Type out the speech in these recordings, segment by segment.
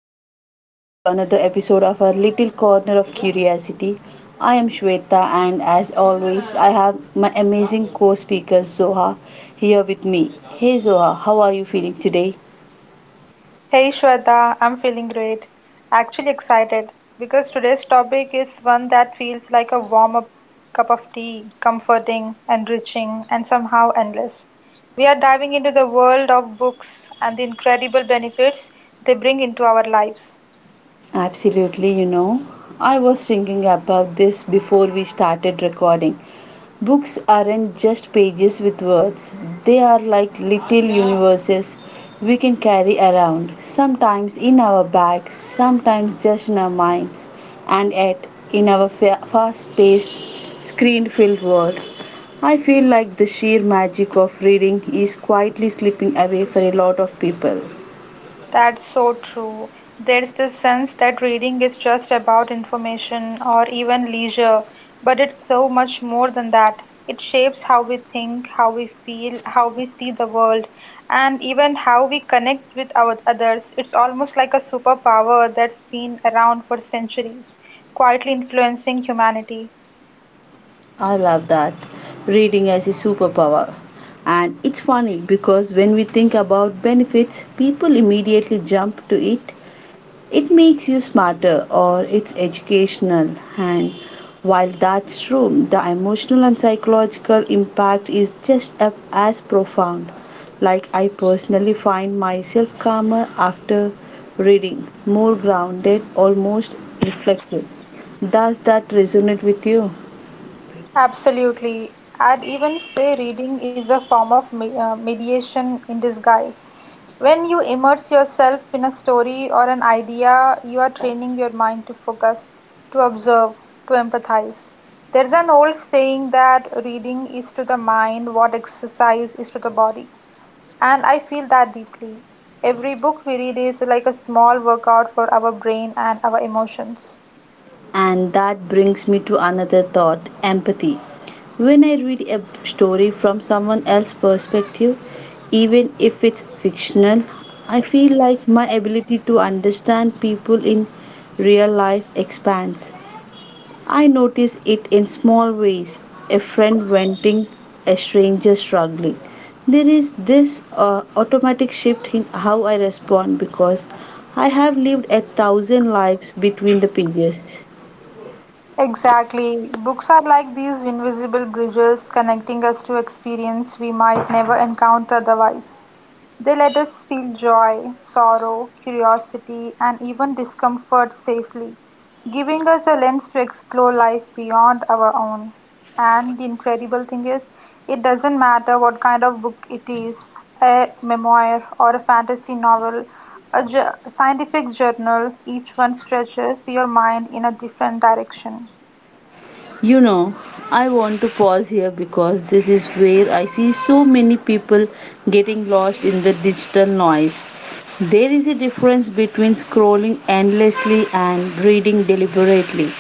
and welcome back to another episode of our little corner of curiosity. I am Shweta, and as always, I have my amazing co speaker Zoha here with me. Hey, Zoha, how are you feeling today? Hey Shweta, I'm feeling great. Actually excited because today's topic is one that feels like a warm up cup of tea, comforting, enriching, and somehow endless. We are diving into the world of books and the incredible benefits they bring into our lives. Absolutely, I was thinking about this before we started recording. Books aren't just pages with words, they are like little universes we can carry around, sometimes in our bags, sometimes just in our minds, and yet in our fast paced, screen filled world. I feel like the sheer magic of reading is quietly slipping away for a lot of people. That's so true. There's this sense that reading is just about information or even leisure, but it's so much more than that. It shapes how we think, how we feel, how we see the world, and even how we connect with our others. It's almost like a superpower that's been around for centuries, quietly influencing humanity. I love that. Reading as a superpower. And it's funny because when we think about benefits, people immediately jump to it it makes you smarter or it's educational and while that's true the emotional and psychological impact is just as profound, like I personally find myself calmer after reading, more grounded, almost reflective. Does that resonate with you? Absolutely. I'd even say reading is a form of me mediation in disguise. When you immerse yourself in a story or an idea, you are training your mind to focus, to observe, to empathize. There's an old saying that reading is to the mind what exercise is to the body. And I feel that deeply. Every book we read is like a small workout for our brain and our emotions. And that brings me to another thought, empathy. When I read a story from someone else's perspective, even if it's fictional, I feel like my ability to understand people in real life expands. I notice it in small ways, a friend venting, a stranger struggling. There is this automatic shift in how I respond because I have lived a thousand lives between the pages. Exactly. Books are like these invisible bridges connecting us to experience we might never encounter otherwise. They let us feel joy, sorrow, curiosity, and even discomfort safely, giving us a lens to explore life beyond our own. And the incredible thing is, it doesn't matter what kind of book it is a memoir or a fantasy novel, a scientific journal, each one stretches your mind in a different direction. You know, I want to pause here because this is where I see so many people getting lost in the digital noise. There is a difference between scrolling endlessly and reading deliberately.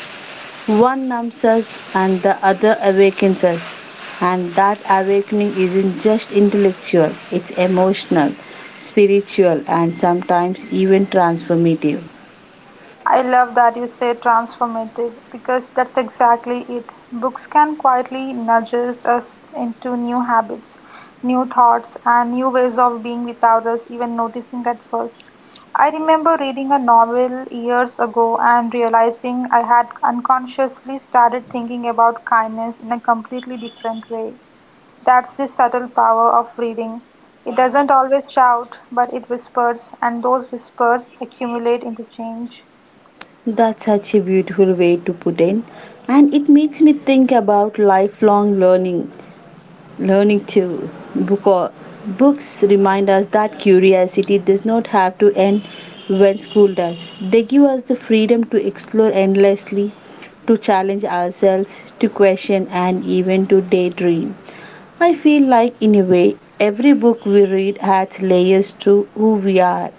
One numbs us and the other awakens us. And that awakening isn't just intellectual, it's emotional, spiritual, and sometimes even transformative. I love that you say transformative because that's exactly it. Books can quietly nudge us into new habits, new thoughts, and new ways of being without us even noticing at first. I remember reading a novel years ago and realizing I had unconsciously started thinking about kindness in a completely different way. That's the subtle power of reading. It doesn't always shout, but it whispers, and those whispers accumulate into change. That's such a beautiful way to put in, and it makes me think about lifelong learning too, because books remind us that curiosity does not have to end when school does. They give us the freedom to explore endlessly, to challenge ourselves, to question, and even to daydream. I feel like in a way every book we read adds layers to who we are.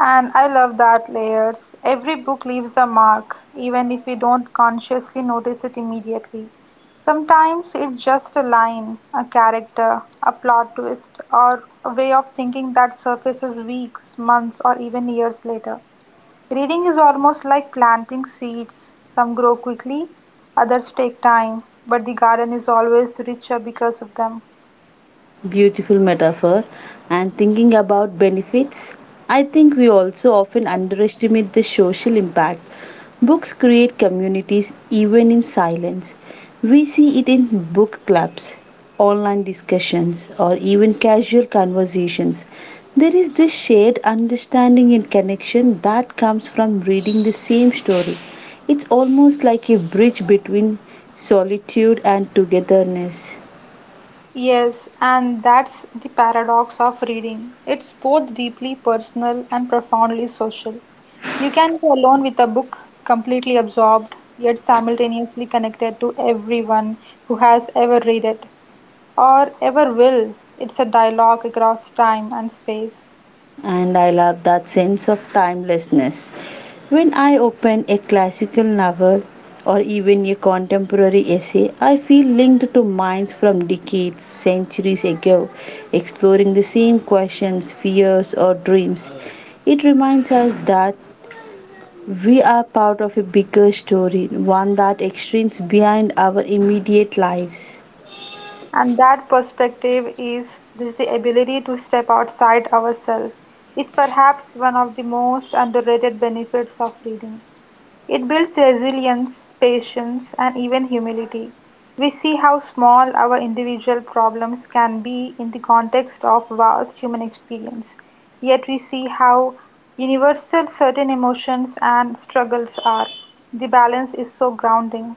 And I love that layers. Every book leaves a mark, even if we don't consciously notice it immediately. Sometimes it's just a line, a character, a plot twist, or a way of thinking that surfaces weeks, months, or even years later. Reading is almost like planting seeds. Some grow quickly, others take time, but the garden is always richer because of them. Beautiful metaphor. And thinking about benefits, I think we also often underestimate the social impact. Books create communities even in silence. We see it in book clubs, online discussions, or even casual conversations. There is this shared understanding and connection that comes from reading the same story. It's almost like a bridge between solitude and togetherness. Yes, and that's the paradox of reading. It's both deeply personal and profoundly social. You can be alone with a book, completely absorbed, yet simultaneously connected to everyone who has ever read it or ever will. It's a dialogue across time and space. And I love that sense of timelessness. When I open a classical novel or even a contemporary essay, I feel linked to minds from decades, centuries ago, exploring the same questions, fears, or dreams. It reminds us that we are part of a bigger story, one that extends beyond our immediate lives. And that perspective is this the ability to step outside ourselves is perhaps one of the most underrated benefits of reading. It builds resilience, patience, and even humility. We see how small our individual problems can be in the context of vast human experience, yet, we see how universal certain emotions and struggles are. The balance is so grounding.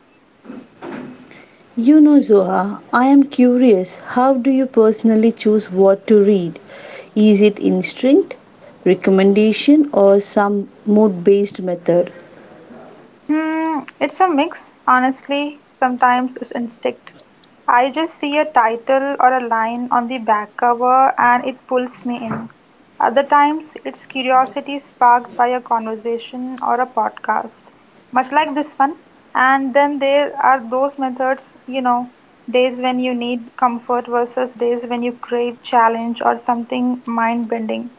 You know, Zoha, I am curious, how do you personally choose what to read? Is it instinct, recommendation, or some mood based method? Hmm, it's a mix, honestly. Sometimes it's instinct. I just see a title or a line on the back cover and it pulls me in. Other times, it's curiosity sparked by a conversation or a podcast, much like this one. And then there are those methods, you know, days when you need comfort versus days when you crave challenge or something mind bending.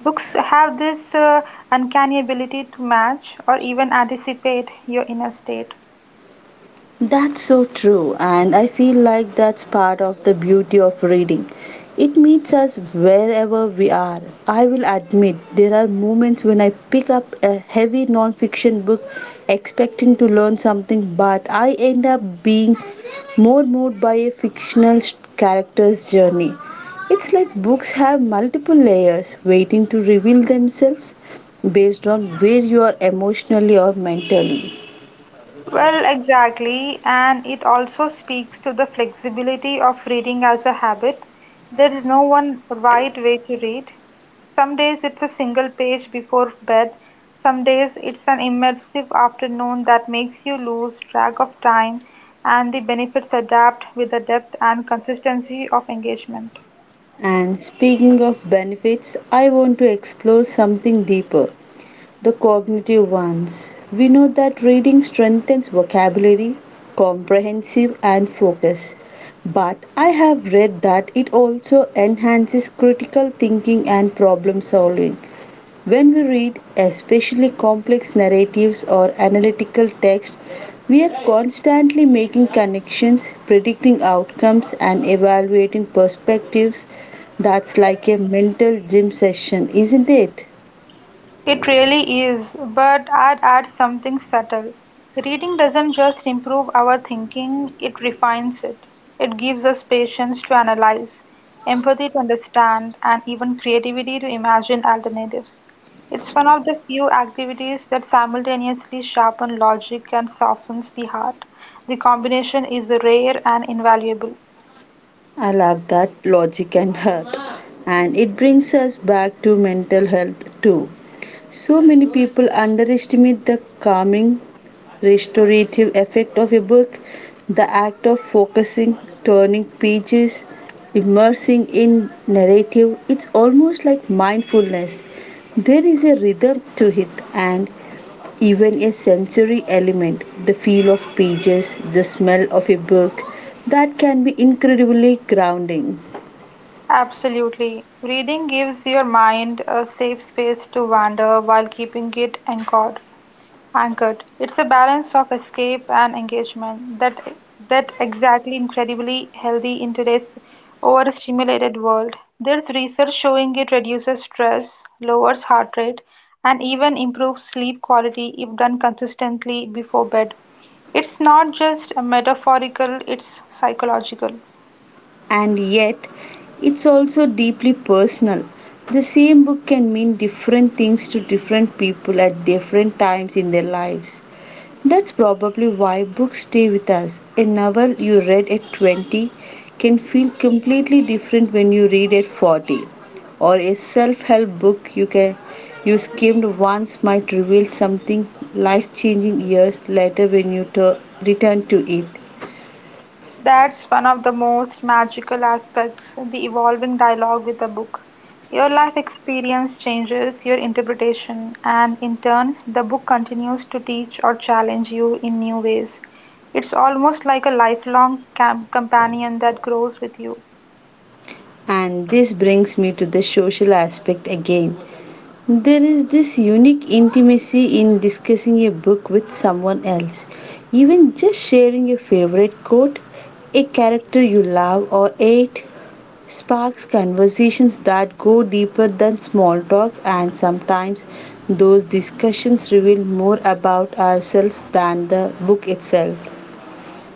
Books have this uncanny ability to match or even anticipate your inner state. That's so true, and I feel like that's part of the beauty of reading. It meets us wherever we are. I will admit there are moments when I pick up a heavy non-fiction book expecting to learn something, but I end up being more moved by a fictional character's journey. It's like books have multiple layers waiting to reveal themselves based on where you are emotionally or mentally. Well, exactly, and it also speaks to the flexibility of reading as a habit. There is no one right way to read. Some days it's a single page before bed, some days it's an immersive afternoon that makes you lose track of time, and the benefits adapt with the depth and consistency of engagement. And speaking of benefits, I want to explore something deeper, the cognitive ones. We know that reading strengthens vocabulary, comprehension, and focus. But I have read that it also enhances critical thinking and problem solving. When we read, especially complex narratives or analytical texts, we are constantly making connections, predicting outcomes, and evaluating perspectives. That's like a mental gym session, isn't it? It really is, but I'd add something subtle. Reading doesn't just improve our thinking, it refines it. It gives us patience to analyze, empathy to understand, and even creativity to imagine alternatives. It's one of the few activities that simultaneously sharpen logic and softens the heart. The combination is rare and invaluable. I love that, logic and heart. And it brings us back to mental health too. So many people underestimate the calming, restorative effect of a book, the act of focusing, turning pages, immersing in narrative. It's almost like mindfulness. There is a rhythm to it, and even a sensory element, the feel of pages, the smell of a book, that can be incredibly grounding. Absolutely. Reading gives your mind a safe space to wander while keeping it anchored. Anchored. It's a balance of escape and engagement that exactly incredibly healthy in today's overstimulated world. There's research showing it reduces stress, lowers heart rate, and even improves sleep quality if done consistently before bed. It's not just a metaphorical, it's psychological. And yet it's also deeply personal. The same book can mean different things to different people at different times in their lives. That's probably why books stay with us. A novel you read at 20 can feel completely different when you read at 40, or a self-help book you can you skimmed once might reveal something life-changing years later when you tur return to it. That's one of the most magical aspects the evolving dialogue with the book. Your life experience changes your interpretation, and in turn, the book continues to teach or challenge you in new ways. It's almost like a lifelong companion that grows with you. And this brings me to the social aspect again. There is this unique intimacy in discussing a book with someone else. Even just sharing your favorite quote, a character you love or hate, sparks conversations that go deeper than small talk, and sometimes those discussions reveal more about ourselves than the book itself.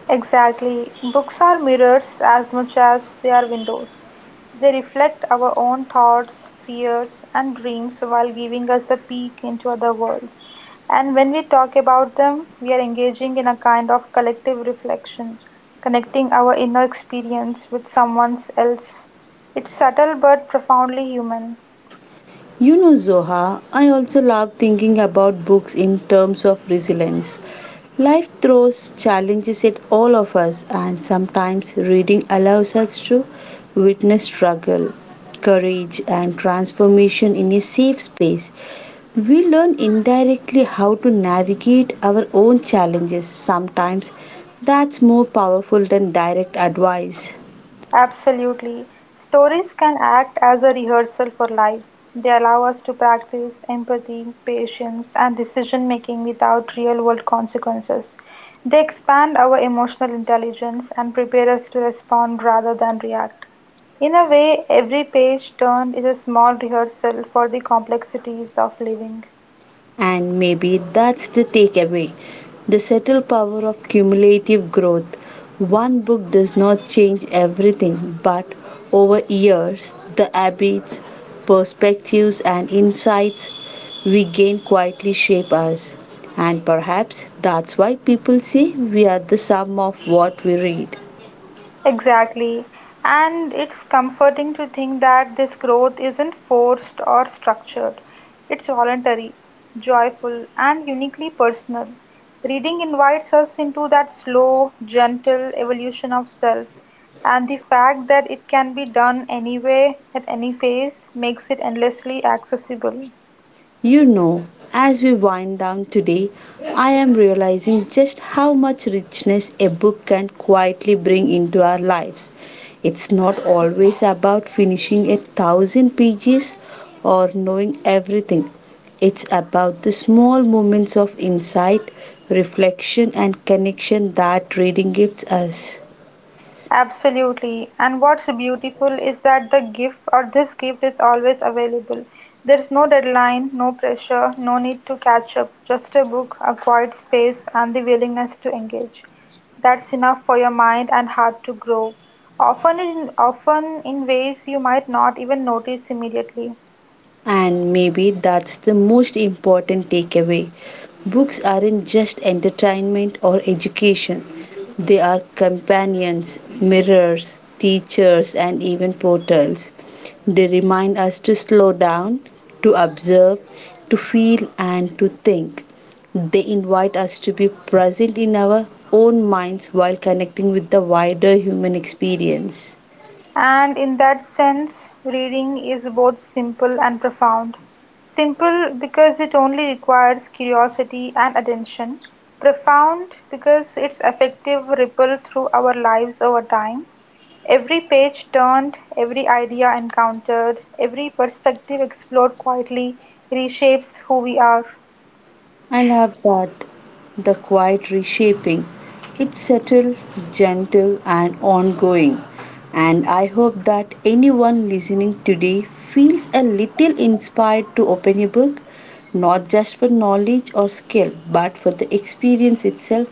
Exactly. Books are mirrors as much as they are windows. They reflect our own thoughts, fears, and dreams while giving us a peek into other worlds. And when we talk about them, we are engaging in a kind of collective reflection, connecting our inner experience with someone else. It's subtle but profoundly human. You know, Zoha, I also love thinking about books in terms of resilience. Life throws challenges at all of us, and sometimes reading allows us to witness struggle, courage, and transformation in a safe space. We learn indirectly how to navigate our own challenges. Sometimes that's more powerful than direct advice. Absolutely. Stories can act as a rehearsal for life. They allow us to practice empathy, patience, and decision making without real world consequences. They expand our emotional intelligence and prepare us to respond rather than react. In a way, every page turned is a small rehearsal for the complexities of living. And maybe that's the takeaway, the subtle power of cumulative growth. One book does not change everything, but over years, the habits, perspectives, and insights we gain quietly shape us. And perhaps that's why people say we are the sum of what we read. Exactly. And it's comforting to think that this growth isn't forced or structured. It's voluntary, joyful, and uniquely personal. Reading invites us into that slow, gentle evolution of self, and the fact that it can be done anywhere at any pace, makes it endlessly accessible. You know, as we wind down today, I am realizing just how much richness a book can quietly bring into our lives. It's not always about finishing a thousand pages or knowing everything. It's about the small moments of insight, reflection, and connection that reading gives us. Absolutely. And what's beautiful is that the gift or this gift is always available. There's no deadline, no pressure, no need to catch up, just a book, a quiet space, and the willingness to engage. That's enough for your mind and heart to grow. Often in ways you might not even notice immediately. And maybe that's the most important takeaway. Books aren't just entertainment or education, they are companions, mirrors, teachers, and even portals. They remind us to slow down, to observe, to feel, and to think. They invite us to be present in our own minds while connecting with the wider human experience. And in that sense, reading is both simple and profound. Simple because it only requires curiosity and attention. Profound because its effective ripple through our lives over time. Every page turned, every idea encountered, every perspective explored quietly reshapes who we are. I love that, the quiet reshaping. It's subtle, gentle, and ongoing. And I hope that anyone listening today feels a little inspired to open a book, not just for knowledge or skill, but for the experience itself,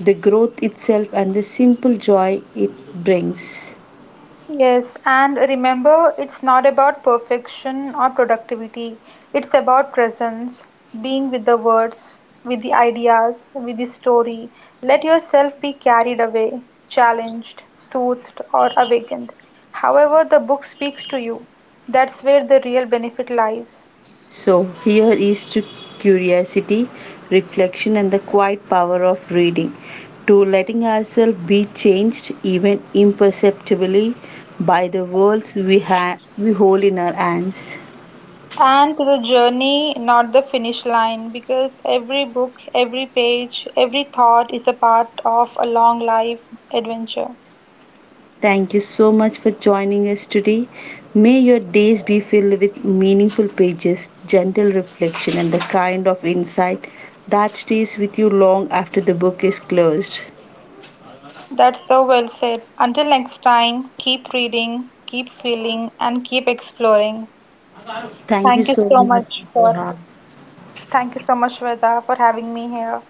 the growth itself, and the simple joy it brings. Yes, and remember, it's not about perfection or productivity. It's about presence, being with the words, with the ideas, with the story. Let yourself be carried away, challenged, soothed, or awakened. However, the book speaks to you. That's where the real benefit lies. So here is to curiosity, reflection, and the quiet power of reading, to letting ourselves be changed even imperceptibly by the worlds we have we hold in our hands. And to the journey, not the finish line, because every book, every page, every thought is a part of a long life adventure. Thank you so much for joining us today. May your days be filled with meaningful pages, gentle reflection, and the kind of insight that stays with you long after the book is closed. That's so well said. Until next time, keep reading, keep feeling, and keep exploring. Thank you Thank you so so much, much for Zoha. thank you so much, Veda, for having me here.